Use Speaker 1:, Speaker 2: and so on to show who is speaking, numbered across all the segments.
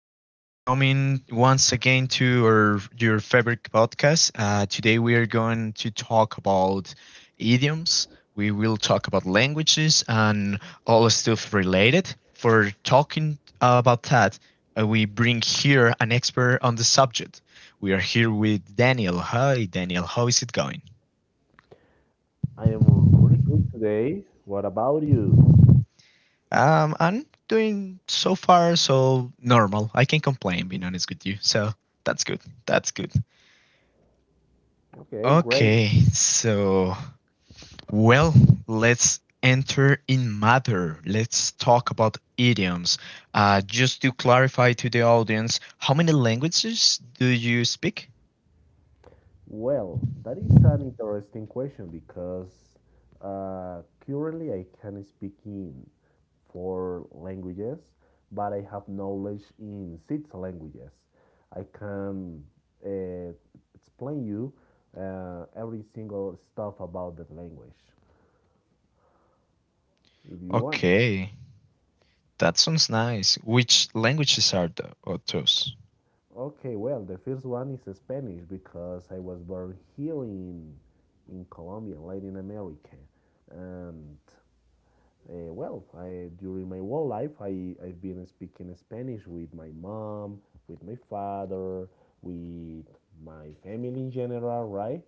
Speaker 1: Thank you for coming once again to our your favorite podcast. Today we are going to talk about idioms. We will talk about languages and all stuff related. For talking about that, we bring here an expert on the subject. We are here with Daniel. Hi, Daniel. How is it going?
Speaker 2: I am really good today. What about you?
Speaker 1: I'm doing so far so normal. I can't complain, being honest with you. So that's good. That's good.
Speaker 2: Okay, great.
Speaker 1: Okay, so well, let's enter in matter. Let's talk about idioms. Just to clarify to the audience, how many languages do you speak?
Speaker 2: Well, that is an interesting question because currently I can speak in four languages, but I have knowledge in six languages. I can uh, explain you every single stuff about that language if you want.
Speaker 1: Okay, that sounds nice. Which are those?
Speaker 2: Okay, well, the first one is Spanish because I was born here in Colombia, Latin America, and well, during my whole life, I've been speaking Spanish with my mom, with my father, with my family in general, right?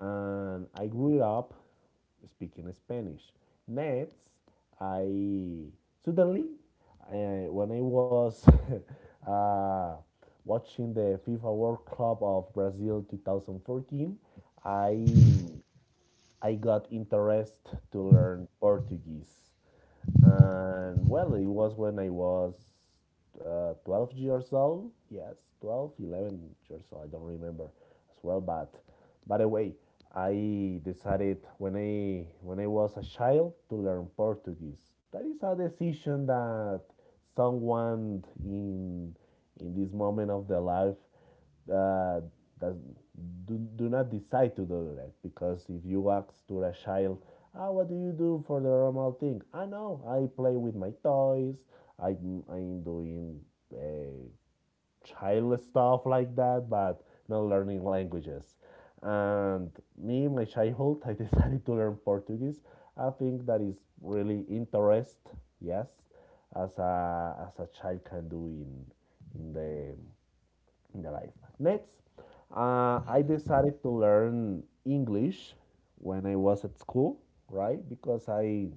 Speaker 2: And I grew up speaking Spanish. Next, I suddenly, when I was uh, watching the FIFA World Cup of Brazil 2014, I I got interest to learn Portuguese. And well, it was when I was 12 years old. Yes, 12, 11 years old. I don't remember as well. But by the way, I decided when I was a child to learn Portuguese. That is a decision that someone in this moment of their life uh, does, do not decide to do that, because if you ask to a child, ah, what do you do for the normal thing? I know, I play with my toys, I'm doing uh, child stuff like that, but not learning languages. And me, in my childhood, I decided to learn Portuguese. I think that is really interest, yes, as a child can do in the in the life. Next, I
Speaker 1: Hmm.
Speaker 2: decided to learn English when I was at school, right? Because I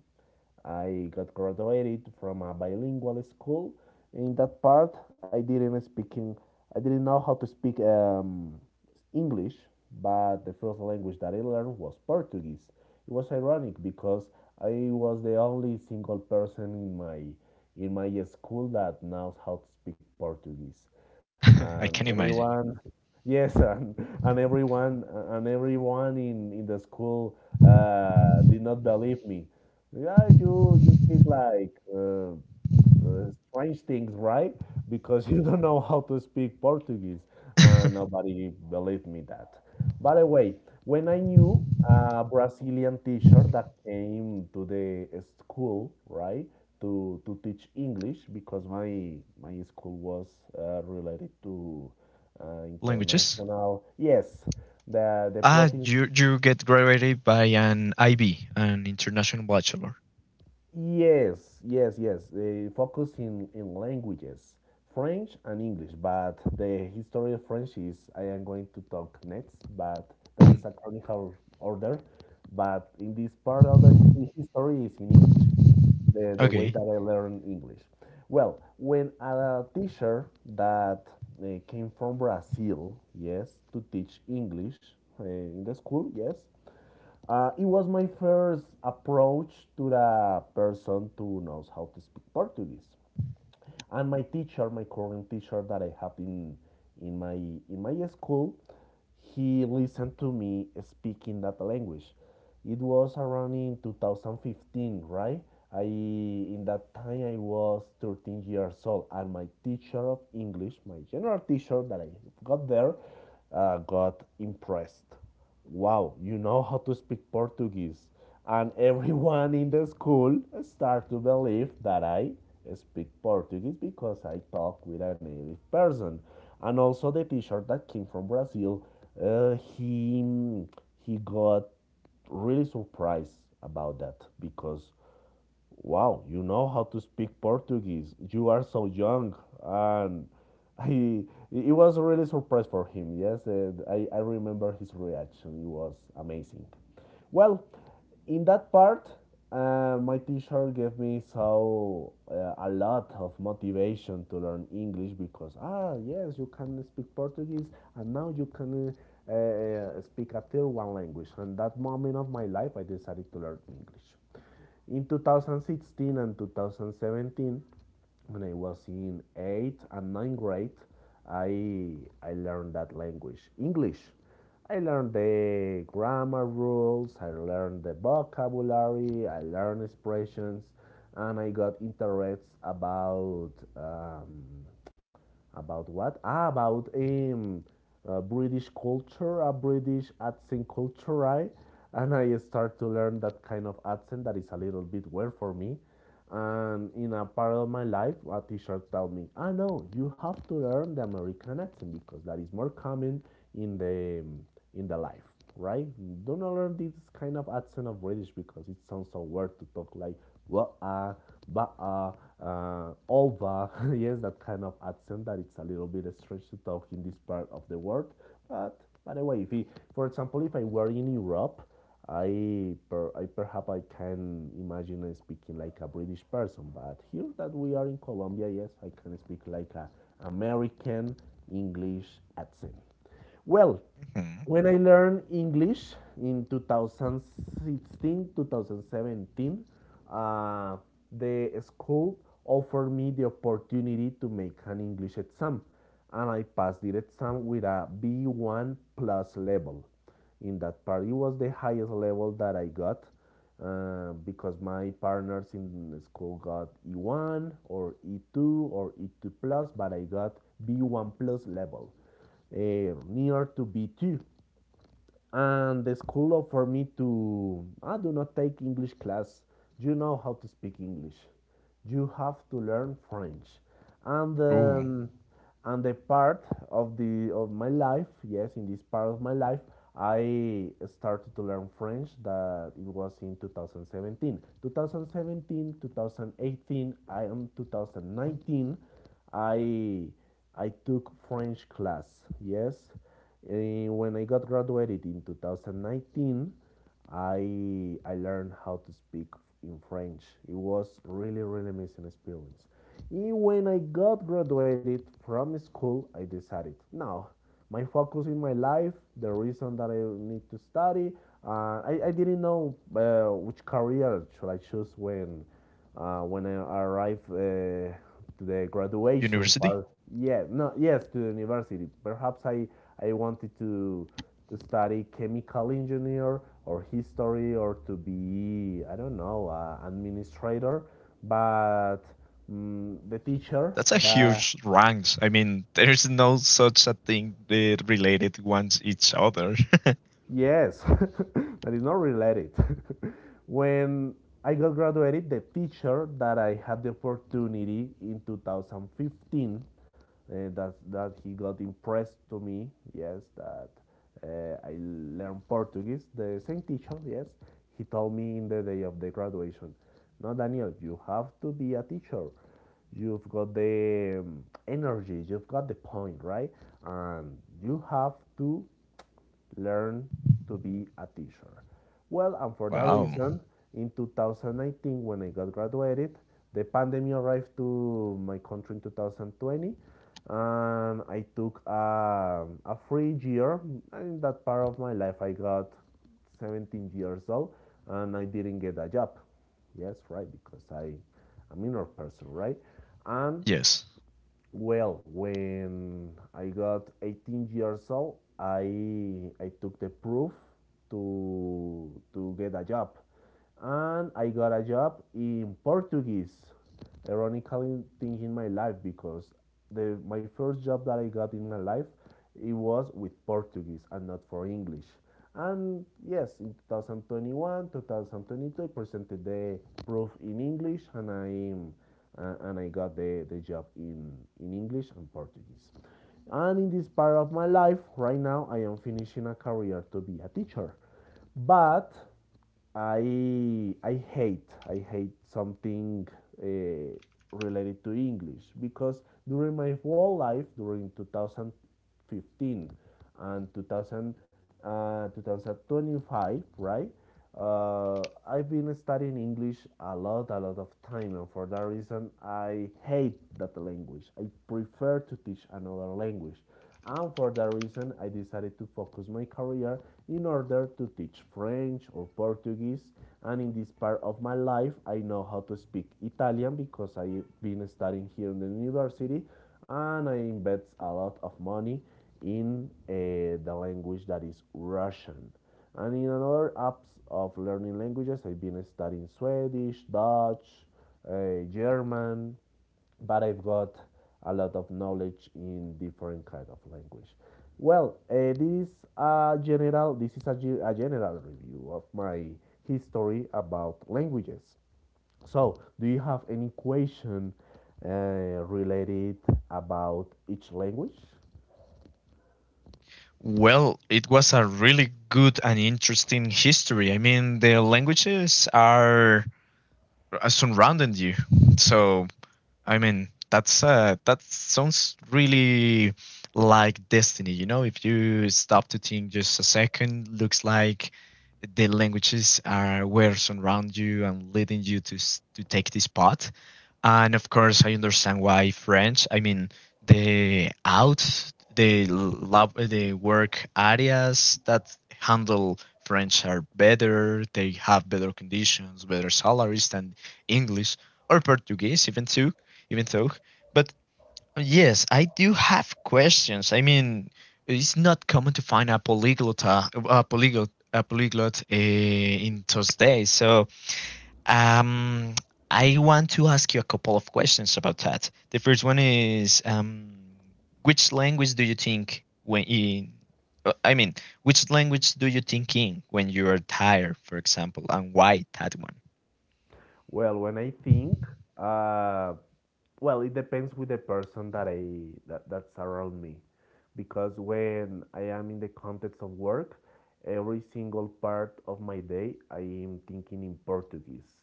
Speaker 2: I got graduated from a bilingual school. In that part, I didn't speaking. I didn't know how to speak. English, but the first language that I learned was Portuguese. It was ironic because I was the only single person in my school that knows how to speak Portuguese, and
Speaker 1: I can imagine.
Speaker 2: everyone, yes, and everyone in the school did not believe me. Yeah, you speak like strange things, right? Because you don't know how to speak Portuguese, and nobody believed me that. By the way, when I knew a Brazilian teacher that came to the school, right, to teach English, because my school was related to
Speaker 1: Languages?
Speaker 2: international. Yes, the
Speaker 1: Ah,
Speaker 2: province.
Speaker 1: you get graduated by an IB, an international bachelor.
Speaker 2: Yes, yes, yes. They focus in languages, French and English. But the history of French is I am going to talk next, but that
Speaker 1: Hmm.
Speaker 2: is a chronicle order. But in this part of the history is in English, the way
Speaker 1: Okay.
Speaker 2: that I learn English. Well, when a teacher that came from Brazil, yes, to teach English in the school, yes, it was my first approach to the person who knows how to speak Portuguese. And my teacher, my current teacher that I have in my school, he listened to me speaking that language. It was around in 2015, right? I in that time I was 13 years old, and my teacher of English, my general teacher that I got there, got impressed. Wow, you know how to speak Portuguese. And everyone in the school start to believe that I speak Portuguese because I talk with a native person. And also the teacher that came from Brazil, uh, he he got really surprised about that, because wow, you know how to speak Portuguese. You are so young. And he, it was a really surprise for him, yes. And I remember his reaction. It was amazing. Well, in that part, my teacher gave me so a lot of motivation to learn English because, ah, yes, you can speak Portuguese, and now you can speak a third one language. And that moment of my life, I decided to learn English. In 2016 and 2017, when I was in 8th and 9th grade, I, I learned that language, English. I learned the grammar rules, I learned the vocabulary, I learned expressions, and I got interests about what? Ah, about British culture, a British accent culture, right? And I start to learn that kind of accent that is a little bit weird for me. And in a part of my life, a teacher told me, ah, no, you have to learn the American accent because that is more common in the in the life, right? Do not learn this kind of accent of British because it sounds so weird to talk like wa ba over. Yes, that kind of accent that it's a little bit strange to talk in this part of the world. But by the way, if we, for example, if I were in Europe, I, per, I perhaps I can imagine speaking like a British person. But here that we are in Colombia, yes, I can speak like a American English accent. Well,
Speaker 1: Mhm.
Speaker 2: when I learned English in 2016, 2017, uh, the school offered me the opportunity to make an English exam, and I passed the exam with a B1 plus level. In that part, it was the highest level that I got, because my partners in the school got E1 or E2 or E2 plus, but I got B1 plus level near to B2, and the school offered me to I do not take English class. You know how to speak English. You have to learn French. And
Speaker 1: Ooh,
Speaker 2: and the part of my life, yes, in this part of my life, I started to learn French that it was in two thousand seventeen, 2018. I am 2019, I I took French class. Yes, and when I got graduated in 2019, I learned how to speak in French. It was really really amazing experience. And when I got graduated from school, I decided now my focus in my life, the reason that I need to study. I didn't know which career should I choose when when I arrived to the graduation
Speaker 1: university?
Speaker 2: part, yeah, no, yes, to the university. Perhaps I wanted to study chemical engineer or history or to be, I don't know, administrator, but the teacher
Speaker 1: That's a
Speaker 2: that.
Speaker 1: huge ranks. I mean, there's no such a thing related ones each other.
Speaker 2: Yes, that is not related. when I got graduated, the teacher that I had the opportunity in 2015, that he got impressed to me. Yes, that I learned Portuguese. The same teacher, yes, he told me in the day of the graduation, "No, Daniel, you have to be a teacher. You've got the energy. You've got the point, right? And you have to learn to be a teacher." Well, and for that
Speaker 1: Wow.
Speaker 2: reason, in 2019, when I got graduated, the pandemic arrived to my country in 2020, and I took a free year. In that part of my life, I got 17 years old, and I didn't get a job. Yes, right, because am a minor person, right? And
Speaker 1: Yes.
Speaker 2: well, when I got 18 years old, I took the proof to get a job, and I got a job in Portuguese. Ironically, thing in my life because the my first job that I got in my life, it was with Portuguese and not for English. And yes, in 2021, 2022, I presented the proof in English, and I got the job in English and Portuguese. And in this part of my life, right now, I am finishing a career to be a teacher. But I hate something uh, related to English because during my whole life, during 2000, 2015 and 2000, 2025, right? I've been studying English a lot of time, and for that reason, I hate that language. I prefer to teach another language. And for that reason, I decided to focus my career in order to teach French or Portuguese. And in this part of my life, I know how to speak Italian because I've been studying here in the university, and I invest a lot of money in the language that is Russian. And in another apps of learning languages, I've been studying Swedish, Dutch, German, but I've got a lot of knowledge in different kind of language. Well, this is a general review of my history about languages. So, do you have any question related about each language?
Speaker 1: Well, it was a really good and interesting history. I mean, the languages are surrounding you, so I mean, that's that sounds really like destiny. You know, if you stop to think just a second, looks like the languages are were around you and leading you to to take this path. And of course, I understand why French. I mean, the out, the lab, the work areas that handle French are better. They have better conditions, better salaries than English or Portuguese, even too, even though. But yes, I do have questions. I mean, it's not common to find a polyglot in those days. So um, I want to ask you a couple of questions about that. The first one is, which language do you think when in, I mean, which language do you think in when you are tired, for example, and why that one?
Speaker 2: Well, when I think, uh, well, it depends with the person that's around me, because when I am in the context of work, every single part of my day I am thinking in Portuguese.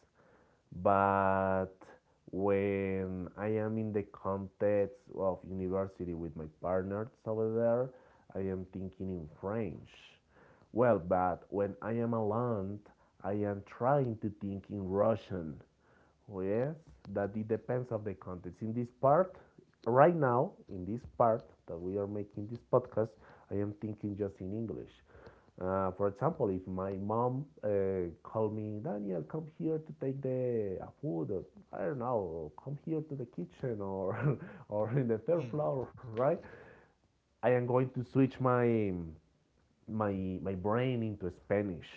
Speaker 2: But when I am in the context of university with my partners over there, I am thinking in French. Well, but when I am alone, I am trying to think in Russian. Well, yes, that it depends of the context. In this part, right now, in this part that we are making this podcast, I am thinking just in English. For example, if my mom called me, Daniel, come here to take the food, or, I don't know, come here to the kitchen or or in the third
Speaker 1: Mm.
Speaker 2: floor, right? I am going to switch my my brain into Spanish,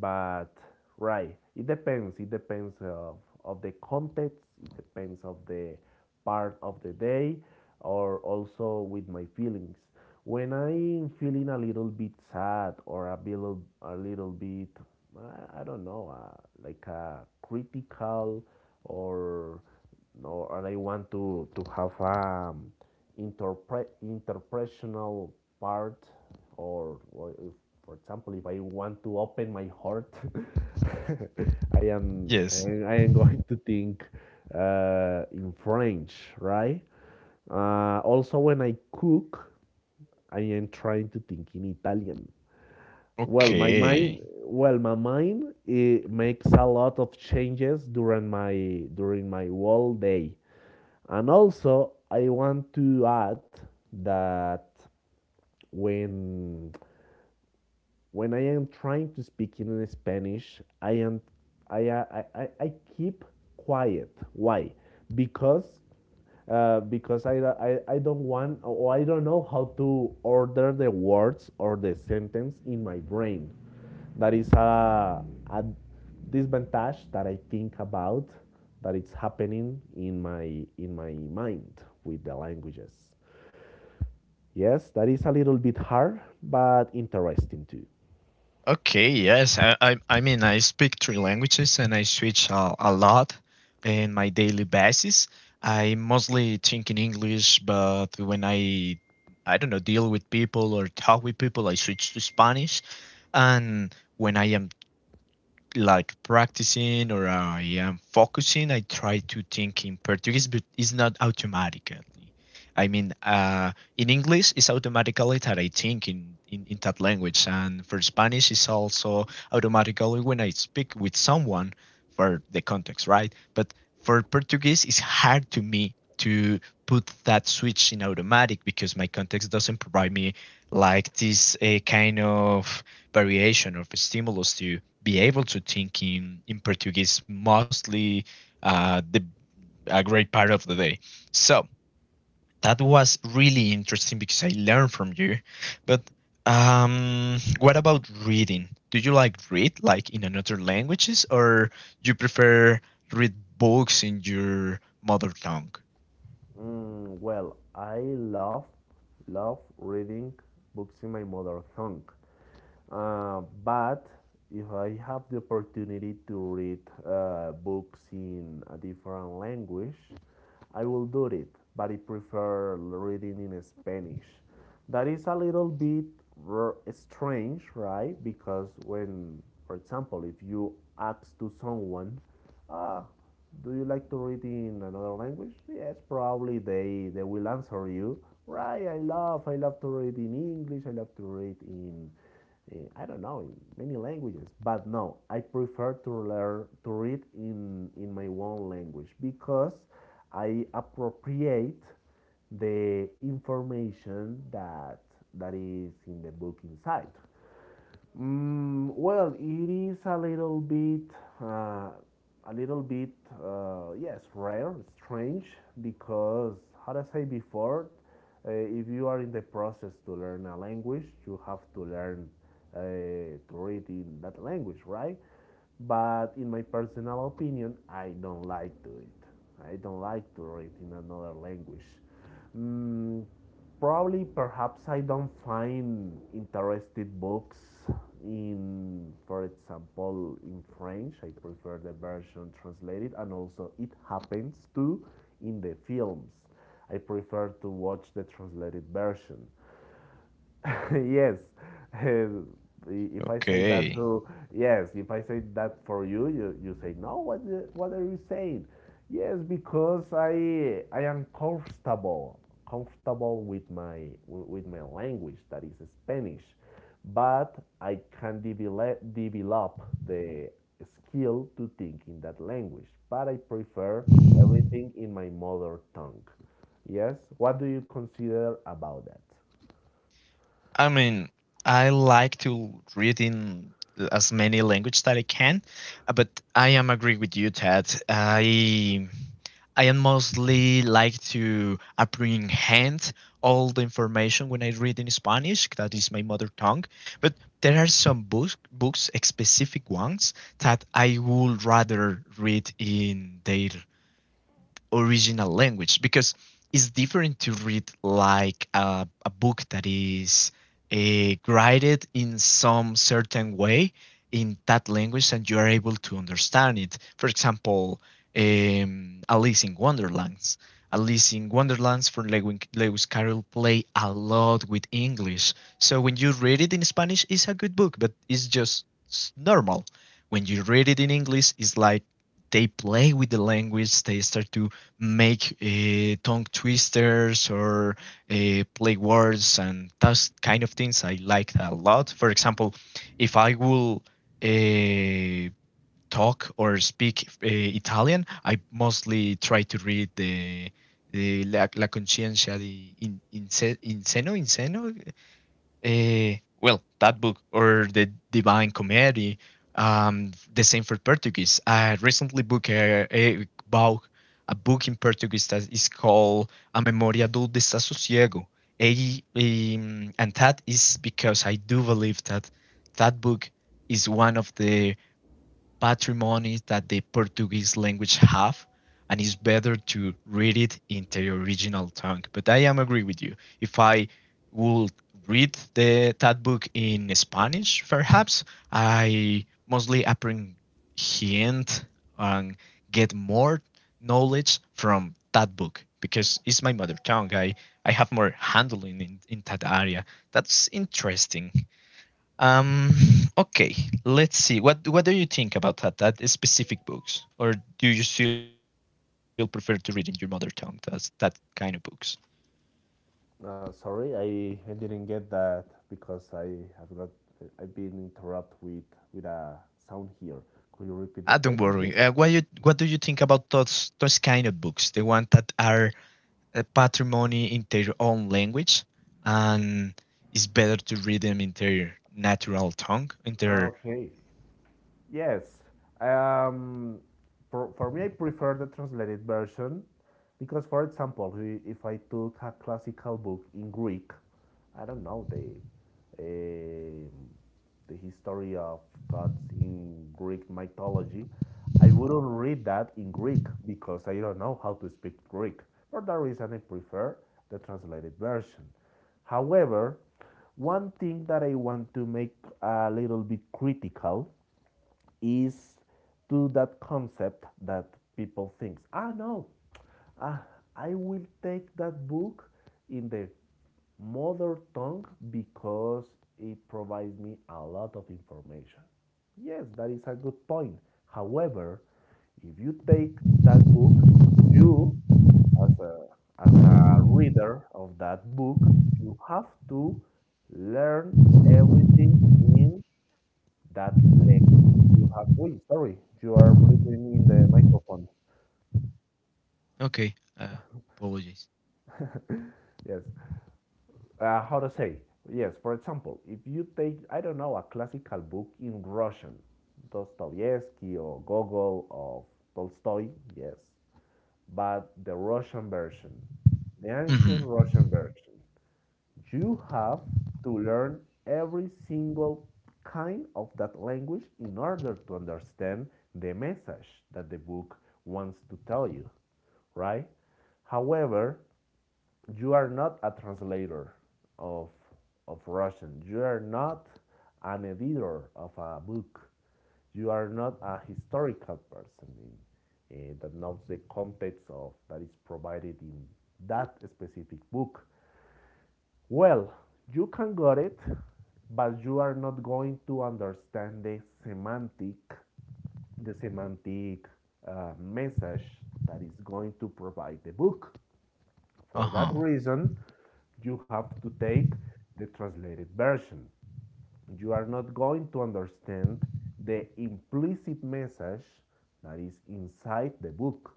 Speaker 2: but right, it depends. It depends of the context. It depends of the part of the day, or also with my feelings. When I'm feeling a little bit sad or a little bit, I, don't know, like a critical or no, or I want to have a interpre interpersonal part, or, if, for example, if I want to open my heart,
Speaker 1: Yes.
Speaker 2: I am going to think in French, right? Also, when I cook, I am trying to think in Italian. Well, my mind,
Speaker 1: Okay.
Speaker 2: well, my mind, it makes a lot of changes during my whole day. And also, I want to add that when when I am trying to speak in Spanish, I am I keep quiet. Why? Because because I don't want or I don't know how to order the words or the sentence in my brain. That is a disadvantage that I think about that it's happening in my mind with the languages. Yes, that is a little bit hard, but interesting too.
Speaker 1: Okay, yes. I mean, I speak three languages and I switch a lot in my daily basis. I mostly think in English, but when I don't know, deal with people or talk with people, I switch to Spanish. And when I am like practicing or I am focusing, I try to think in Portuguese, but it's not automatically. I mean, in English, it's automatically that I think in that language. And for Spanish, it's also automatically when I speak with someone for the context, right? But for Portuguese, it's hard to me to put that switch in automatic because my context doesn't provide me like this a kind of variation of stimulus to be able to think in Portuguese mostly the a great part of the day. So that was really interesting because I learned from you. But what about reading? Do you like read like in another languages, or you prefer read books in your mother tongue?
Speaker 2: Mm, well, I love reading books in my mother tongue, but if I have the opportunity to read books in a different language, I will do it. But I prefer reading in Spanish. That is a little bit strange, right? Because for example, if you ask to someone, ah, do you like to read in another language? Yes, probably they will answer you. Right, I love to read in English, I love to read in, eh, I don't know, in many languages. But no, I prefer to read in my own language because I appropriate the information that is in the book inside. Mm, well, it is uh, a little bit, yes, rare, strange, because, how to say before, if you are in the process to learn a language, you have to learn to read in that language, right? But in my personal opinion, I don't like to it. I don't like to read in another language. Mm, probably, perhaps I don't find interested books in, for example, in French. I prefer the version translated, and also it happens too in the films. I prefer to watch the translated version. Yes. Uh, if I say that
Speaker 1: Okay.
Speaker 2: to, yes, if I say that for you, you say, no, what, what are you saying? Yes, because I am comfortable, comfortable with with my language, that is Spanish. But I can develop, develop the skill to think in that language. But I prefer everything in my mother tongue. Yes, what do you consider about that?
Speaker 1: I mean, I like to read in as many language that I can, but I am agree with you, Ted. I am mostly like to apprehend all the information when I read in Spanish. That is my mother tongue. But there are some specific ones that I would rather read in their original language because it's different to read like a book that is graded in some certain way in that language and you are able to understand it. For example, Alice in Wonderlands. Alice in Wonderlands from Lewis Carroll play a lot with English. So when you read it in Spanish, it's a good book, but it's just normal. When you read it in English, it's like they play with the language, they start to make tongue twisters or play words and those kind of things. I like that a lot. For example, if I will uh, talk or speak Italian, I mostly try to read the La Conciencia di Inseno, Inseno, uh, well, that book or the Divine Comedy, the same for Portuguese. I recently book a about a book in Portuguese that is called A Memória do Desassossego. And that is because I do believe that that book is one of the patrimony that the Portuguese language have, and it's better to read it in the original tongue. But I am agree with you. If I would read the that book in Spanish, perhaps I mostly apprehend and get more knowledge from that book because it's my mother tongue. I have more handling in that area. That's interesting. Um, okay, let's see. What do you think about that? That is specific books, or do you still prefer to read in your mother tongue? That's that kind of books.
Speaker 2: No, sorry, I didn't get that because I have got I've been interrupted with a sound here. Could you repeat the
Speaker 1: Ah, don't
Speaker 2: question,
Speaker 1: worry.
Speaker 2: please?
Speaker 1: What do you think about those kind of books? The ones that are patrimony in their own language, and it's better to read them in their natural tongue. In
Speaker 2: Ah,
Speaker 1: their
Speaker 2: okay. Yes. Um, for me, I prefer the translated version because, for example, if I took a classical book in Greek, I don't know um the history of gods in Greek mythology, I wouldn't read that in Greek because I don't know how to speak Greek. For that reason, I prefer the translated version. However, one thing that I want to make a little bit critical is to that concept that people thinks, ah no, ah, I will take that book in the mother tongue because it provides me a lot of information. Yes, that is a good point. However, if you take that book, you as a as a reader of that book, you have to learn everything in that language. You have, Oi, sorry, you are breathing in the microphone.
Speaker 1: okay, apologies.
Speaker 2: Yes. How to say? Yes, for example, if you take, I don't know, a classical book in Russian, Dostoevsky or Gogol or Tolstoy, yes, but the Russian version, the ancient
Speaker 1: Mm-hmm.
Speaker 2: Russian version. You have to learn every single kind of that language in order to understand the message that the book wants to tell you, right? However, you are not a translator of, of Russian. You are not an editor of a book. You are not a historical person in, eh, that knows the context of that is provided in that specific book. Well, you can get it, but you are not going to understand the semantic message that is going to provide the book.
Speaker 1: Uh
Speaker 2: For that
Speaker 1: huh.
Speaker 2: reason, you have to take the translated version you are not going to understand the implicit message that is inside the book.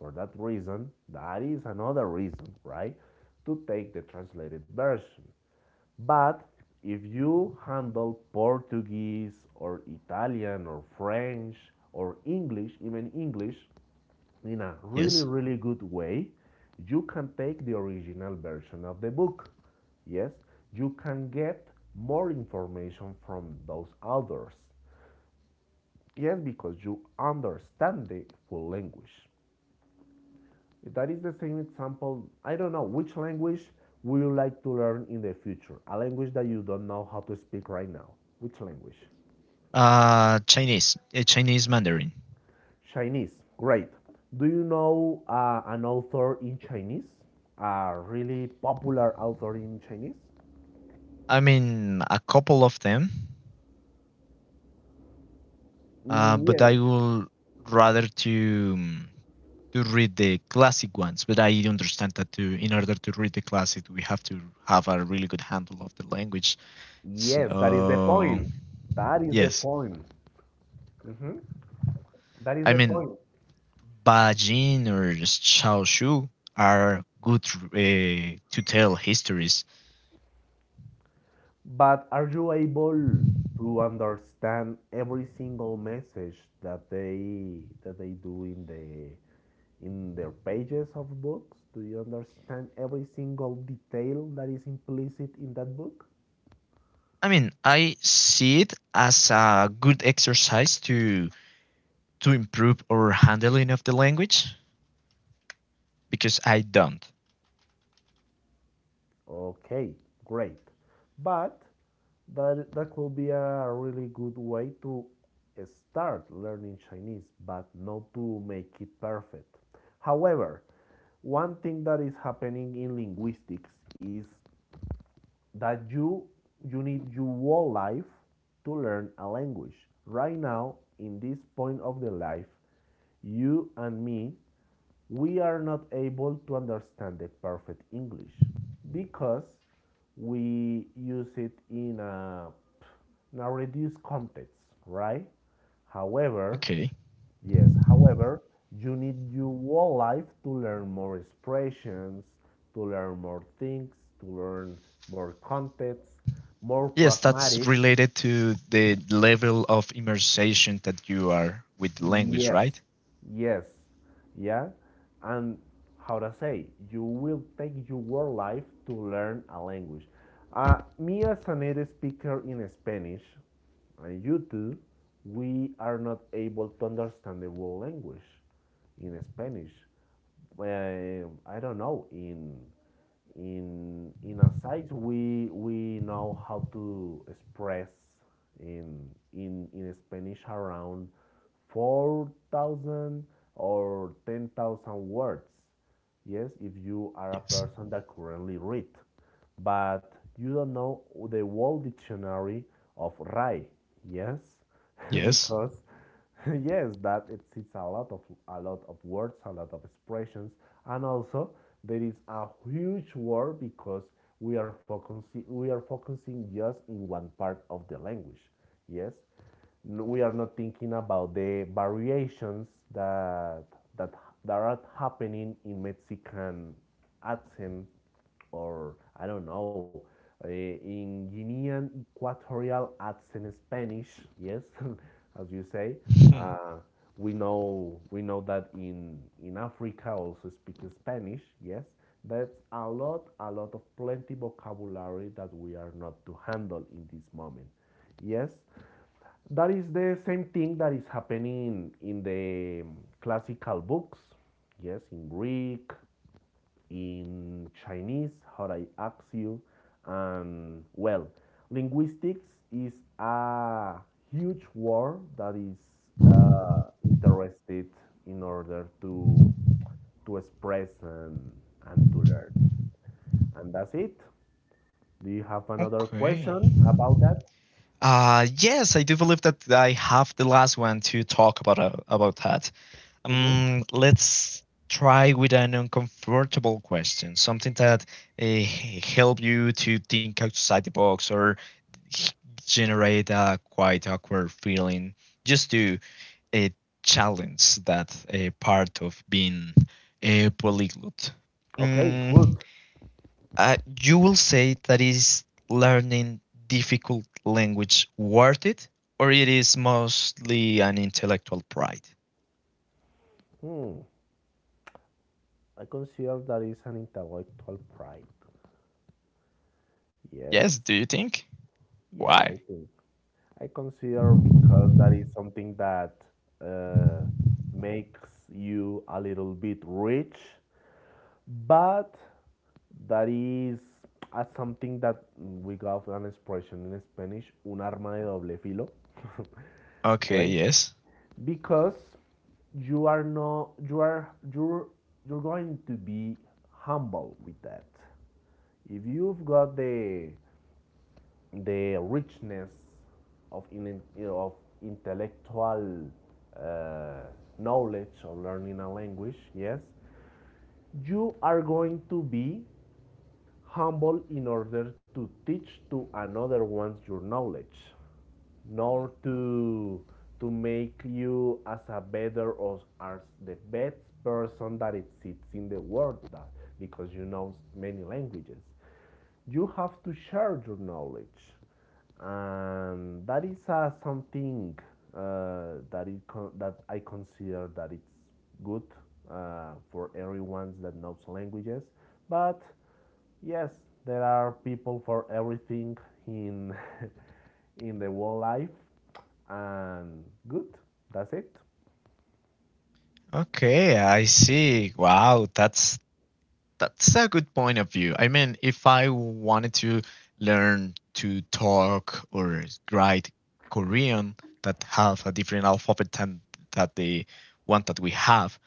Speaker 2: For that reason, that is another reason, right, to take the translated version. But if you handle Portuguese or Italian or French or English, even English, in a really,
Speaker 1: Yes.
Speaker 2: really good way, you can take the original version of the book. Yes, you can get more information from those authors. Yes, because you understand the full language. That is the same example. I don't know which language would you like to learn in the future? A language that you don't know how to speak right now. Which language?
Speaker 1: Chinese, Chinese Mandarin.
Speaker 2: Chinese, great. Do you know an author in Chinese? A really popular author in Chinese?
Speaker 1: I mean, a couple of them,
Speaker 2: Mm,
Speaker 1: but
Speaker 2: yeah.
Speaker 1: I will rather to read the classic ones. But I understand that to in order to read the classic, we have to have a really good handle of the language.
Speaker 2: Yes, that is the
Speaker 1: So
Speaker 2: point. That is the
Speaker 1: yes,
Speaker 2: point. Mhm. That is
Speaker 1: I
Speaker 2: the
Speaker 1: mean,
Speaker 2: point.
Speaker 1: Ba Jin or Xiao Shu are good to tell histories.
Speaker 2: But are you able to understand every single message that they do in the in their pages of books? Do you understand every single detail that is implicit in that book?
Speaker 1: I mean, I see it as a good exercise to improve our handling of the language because I don't.
Speaker 2: Okay, great. But that could be a really good way to start learning Chinese, but not to make it perfect. However, one thing that is happening in linguistics is that you need your whole life to learn a language. Right now, in this point of the life, you and me, we are not able to understand the perfect English because we use it in in a reduced context, right? However,
Speaker 1: Okay.
Speaker 2: Yes, however, you need your whole life to learn more expressions, to learn more things, to learn more contexts, more
Speaker 1: Yes, that's
Speaker 2: pragmatics.
Speaker 1: related to the level of immersion that you are with the language,
Speaker 2: Yes,
Speaker 1: right?
Speaker 2: yes, yeah. And how to say, you will take your whole life to learn a language. Me as a native speaker in Spanish, and you too, we are not able to understand the whole language in Spanish. Well, I don't know in a size we know how to express in in Spanish around 4,000 or 10,000 words. Yes, if you are a
Speaker 1: Yes.
Speaker 2: person that currently read, but you don't know the world dictionary of Rai. Yes,
Speaker 1: Yes.
Speaker 2: because yes, that exists a lot of words, a lot of expressions, and also there is a huge word because we are focusing just in one part of the language. Yes, we are not thinking about the variations that that that are happening in Mexican accent or I don't know in Guinean Equatorial accent Spanish. Yes, as you say,
Speaker 1: Hmm.
Speaker 2: uh, we know that in Africa also speak Spanish. Yes. That's a lot of plenty vocabulary that we are not to handle in this moment. Yes, that is the same thing that is happening in the classical books. Yes, in Greek, in Chinese, how I ask you, and well, linguistics is a huge war that is interested in order to express and to learn. And that's it. Do you have another
Speaker 1: Okay.
Speaker 2: question about that?
Speaker 1: Yes, I do believe that I have the last one to talk about that.
Speaker 2: Hmm.
Speaker 1: Let's try with an uncomfortable question, something that uh, help you to think outside the box or generate a quite awkward feeling, just to a challenge that a part of being a polyglot?
Speaker 2: Okay, good.
Speaker 1: Mm, uh, you will say that is learning difficult language worth it, or it is mostly an intellectual pride?
Speaker 2: Hmm. I consider that is an intellectual pride.
Speaker 1: Yes,
Speaker 2: Yes,
Speaker 1: do you think?
Speaker 2: yes, I
Speaker 1: Why?
Speaker 2: think. I consider because that is something that uh, makes you a little bit rich but that is as something that we got an expression in Spanish, un arma de doble filo,
Speaker 1: Okay,
Speaker 2: right?
Speaker 1: yes.
Speaker 2: Because you are not, you are, you're going to be humble with that. If you've got the richness of in, of intellectual uh, knowledge of learning a language, yes, you are going to be humble in order to teach to another ones your knowledge,
Speaker 1: Hmm.
Speaker 2: nor to to make you as a better or as the best person that exists in the world that, because you know many languages you have to share your knowledge and that is something that that I consider that it's good for everyone that knows languages but yes there are people for everything in in the world life and good that's it.
Speaker 1: Okay, I see. Wow, that's a good point of view. I mean, if I wanted to learn to talk or write Korean that have a different alphabet than that the one that we have,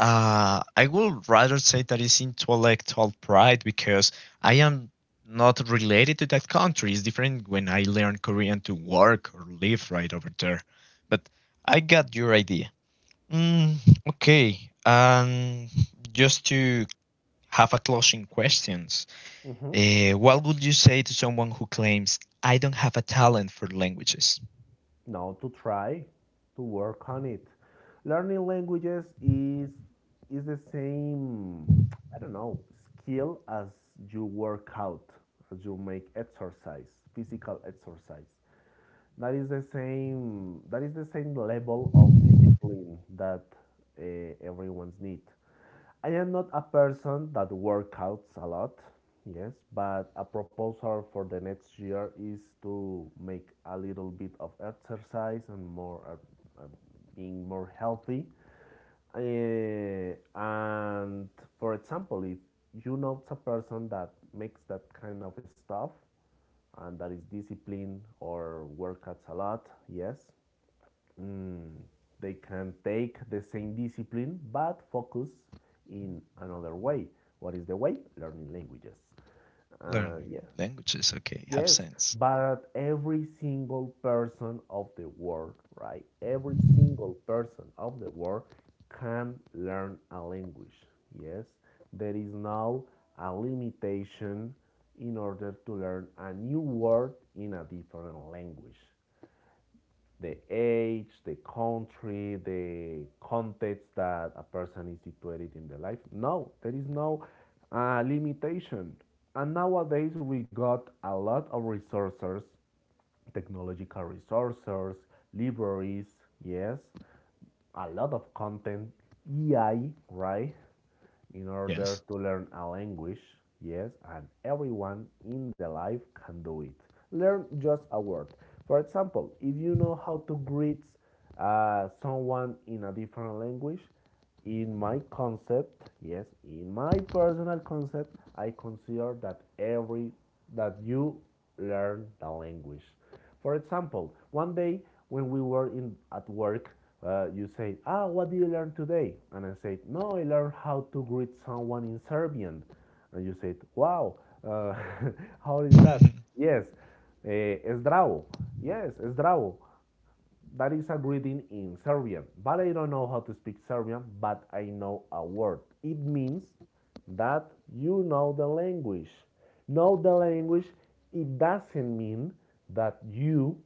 Speaker 1: I would rather say that it's intellectual pride because I am not related to that country. It's different when I learn Korean to work or live right over there. But I got your idea. Mm, okay. Um, just to have a closing questions.
Speaker 2: Hmm.
Speaker 1: What would you say to someone who claims I don't have a talent for languages?
Speaker 2: No to try to work on it. Learning languages is the same I don't know skill as you work out as you make exercise physical exercise. That is the same level of discipline that everyone's need. I am not a person that workouts a lot, yes, but a proposal for the next year is to make a little bit of exercise and more being more healthy. Eh, and for example, if you know a person that makes that kind of stuff and that is disciplined or workouts a lot, yes, mm, they can take the same discipline but focus in another way. What is the way? Learning languages. Yeah,
Speaker 1: Learning languages, okay, have
Speaker 2: yes,
Speaker 1: sense.
Speaker 2: but every single person of the world, right? Every single person of the world can learn a language. Yes, there is now a limitation in order to learn a new word in a different language the age, the country, the context that a person is situated in the life. No, there is no limitation. And nowadays we got a lot of resources, technological resources, libraries, yes, a lot of content, EI, right? In order
Speaker 1: Yes.
Speaker 2: to learn a language, yes, and everyone in the life can do it. Learn just a word. For example, if you know how to greet someone in a different language, in my concept, yes, in my personal concept, I consider that every that you learn the language. For example, one day when we were in at work, you say, "Ah, what did you learn today?" And I said, "No, I learned how to greet someone in Serbian." And you said, "Wow, how is that?" Yes, eh, "Zdravo." Yes, "Zdravo." That is a greeting in Serbian, but I don't know how to speak Serbian, but I know a word. It means that you know the language. Know the language, it doesn't mean that you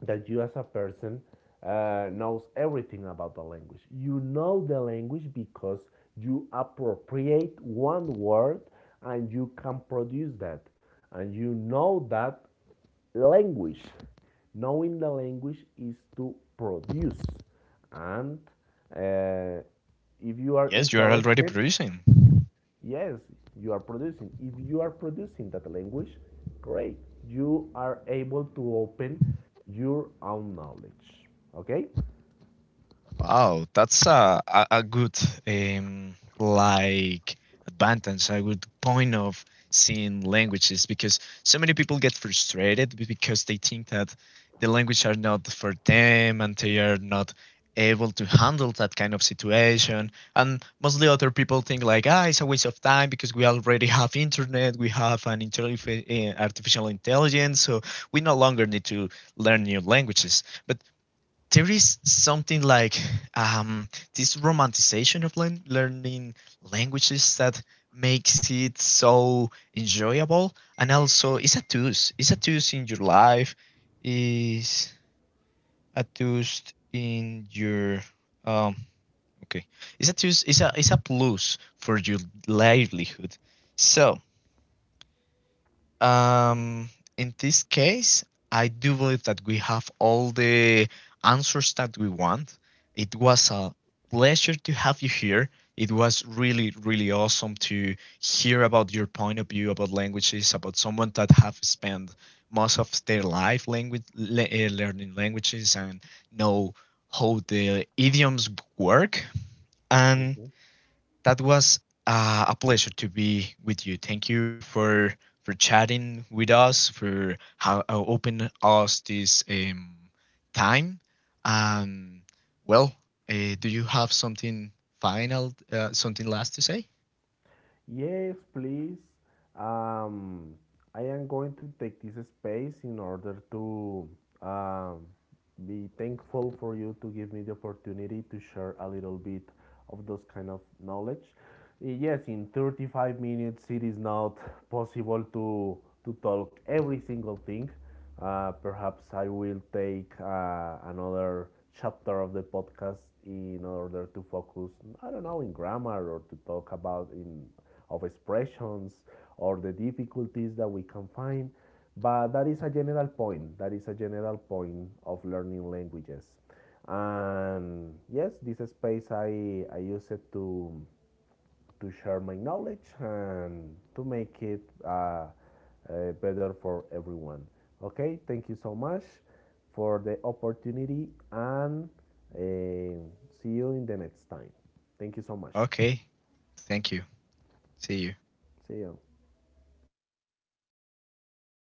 Speaker 2: that you as a person knows everything about the language. You know the language because you appropriate one word and you can produce that. And you know that language. Knowing the language is to produce. And uh, if you are
Speaker 1: Yes, you are already
Speaker 2: interested,
Speaker 1: producing.
Speaker 2: Yes, you are producing. If you are producing that language, great. You are able to open your own knowledge. Okay?
Speaker 1: Wow, that's a good like advantage, a good point of seeing languages because so many people get frustrated because they think that the language are not for them and they are not able to handle that kind of situation. And mostly other people think like, ah, it's a waste of time because we already have internet, we have an artificial intelligence, so we no longer need to learn new languages. But there is something like um, this romanticization of learning languages that makes it so enjoyable and also it's a tools in your life is a tools in your um okay it's a tools it's a plus for your livelihood so um, in this case, I do believe that we have all the answers that we want. It was a pleasure to have you here. It was really, really awesome to hear about your point of view about languages, about someone that have spent most of their life learning languages and know how the idioms work. And
Speaker 2: Mm-hmm.
Speaker 1: that was a pleasure to be with you. Thank you for chatting with us, for how open us this time. Um, well, do you have something final, something last to say?
Speaker 2: Yes, please. Um, I am going to take this space in order to um, be thankful for you to give me the opportunity to share a little bit of those kind of knowledge. Yes, in 35 minutes, it is not possible to talk every single thing, perhaps I will take another chapter of the podcast in order to focus, I don't know, in grammar or to talk about in of expressions or the difficulties that we can find. But that is a general point. That is a general point of learning languages. And yes, this space I use it to share my knowledge and to make it better for everyone. Okay, thank you so much for the opportunity and uh, see you in the next time. Thank you so much.
Speaker 1: Okay, thank you. See you.
Speaker 2: See you.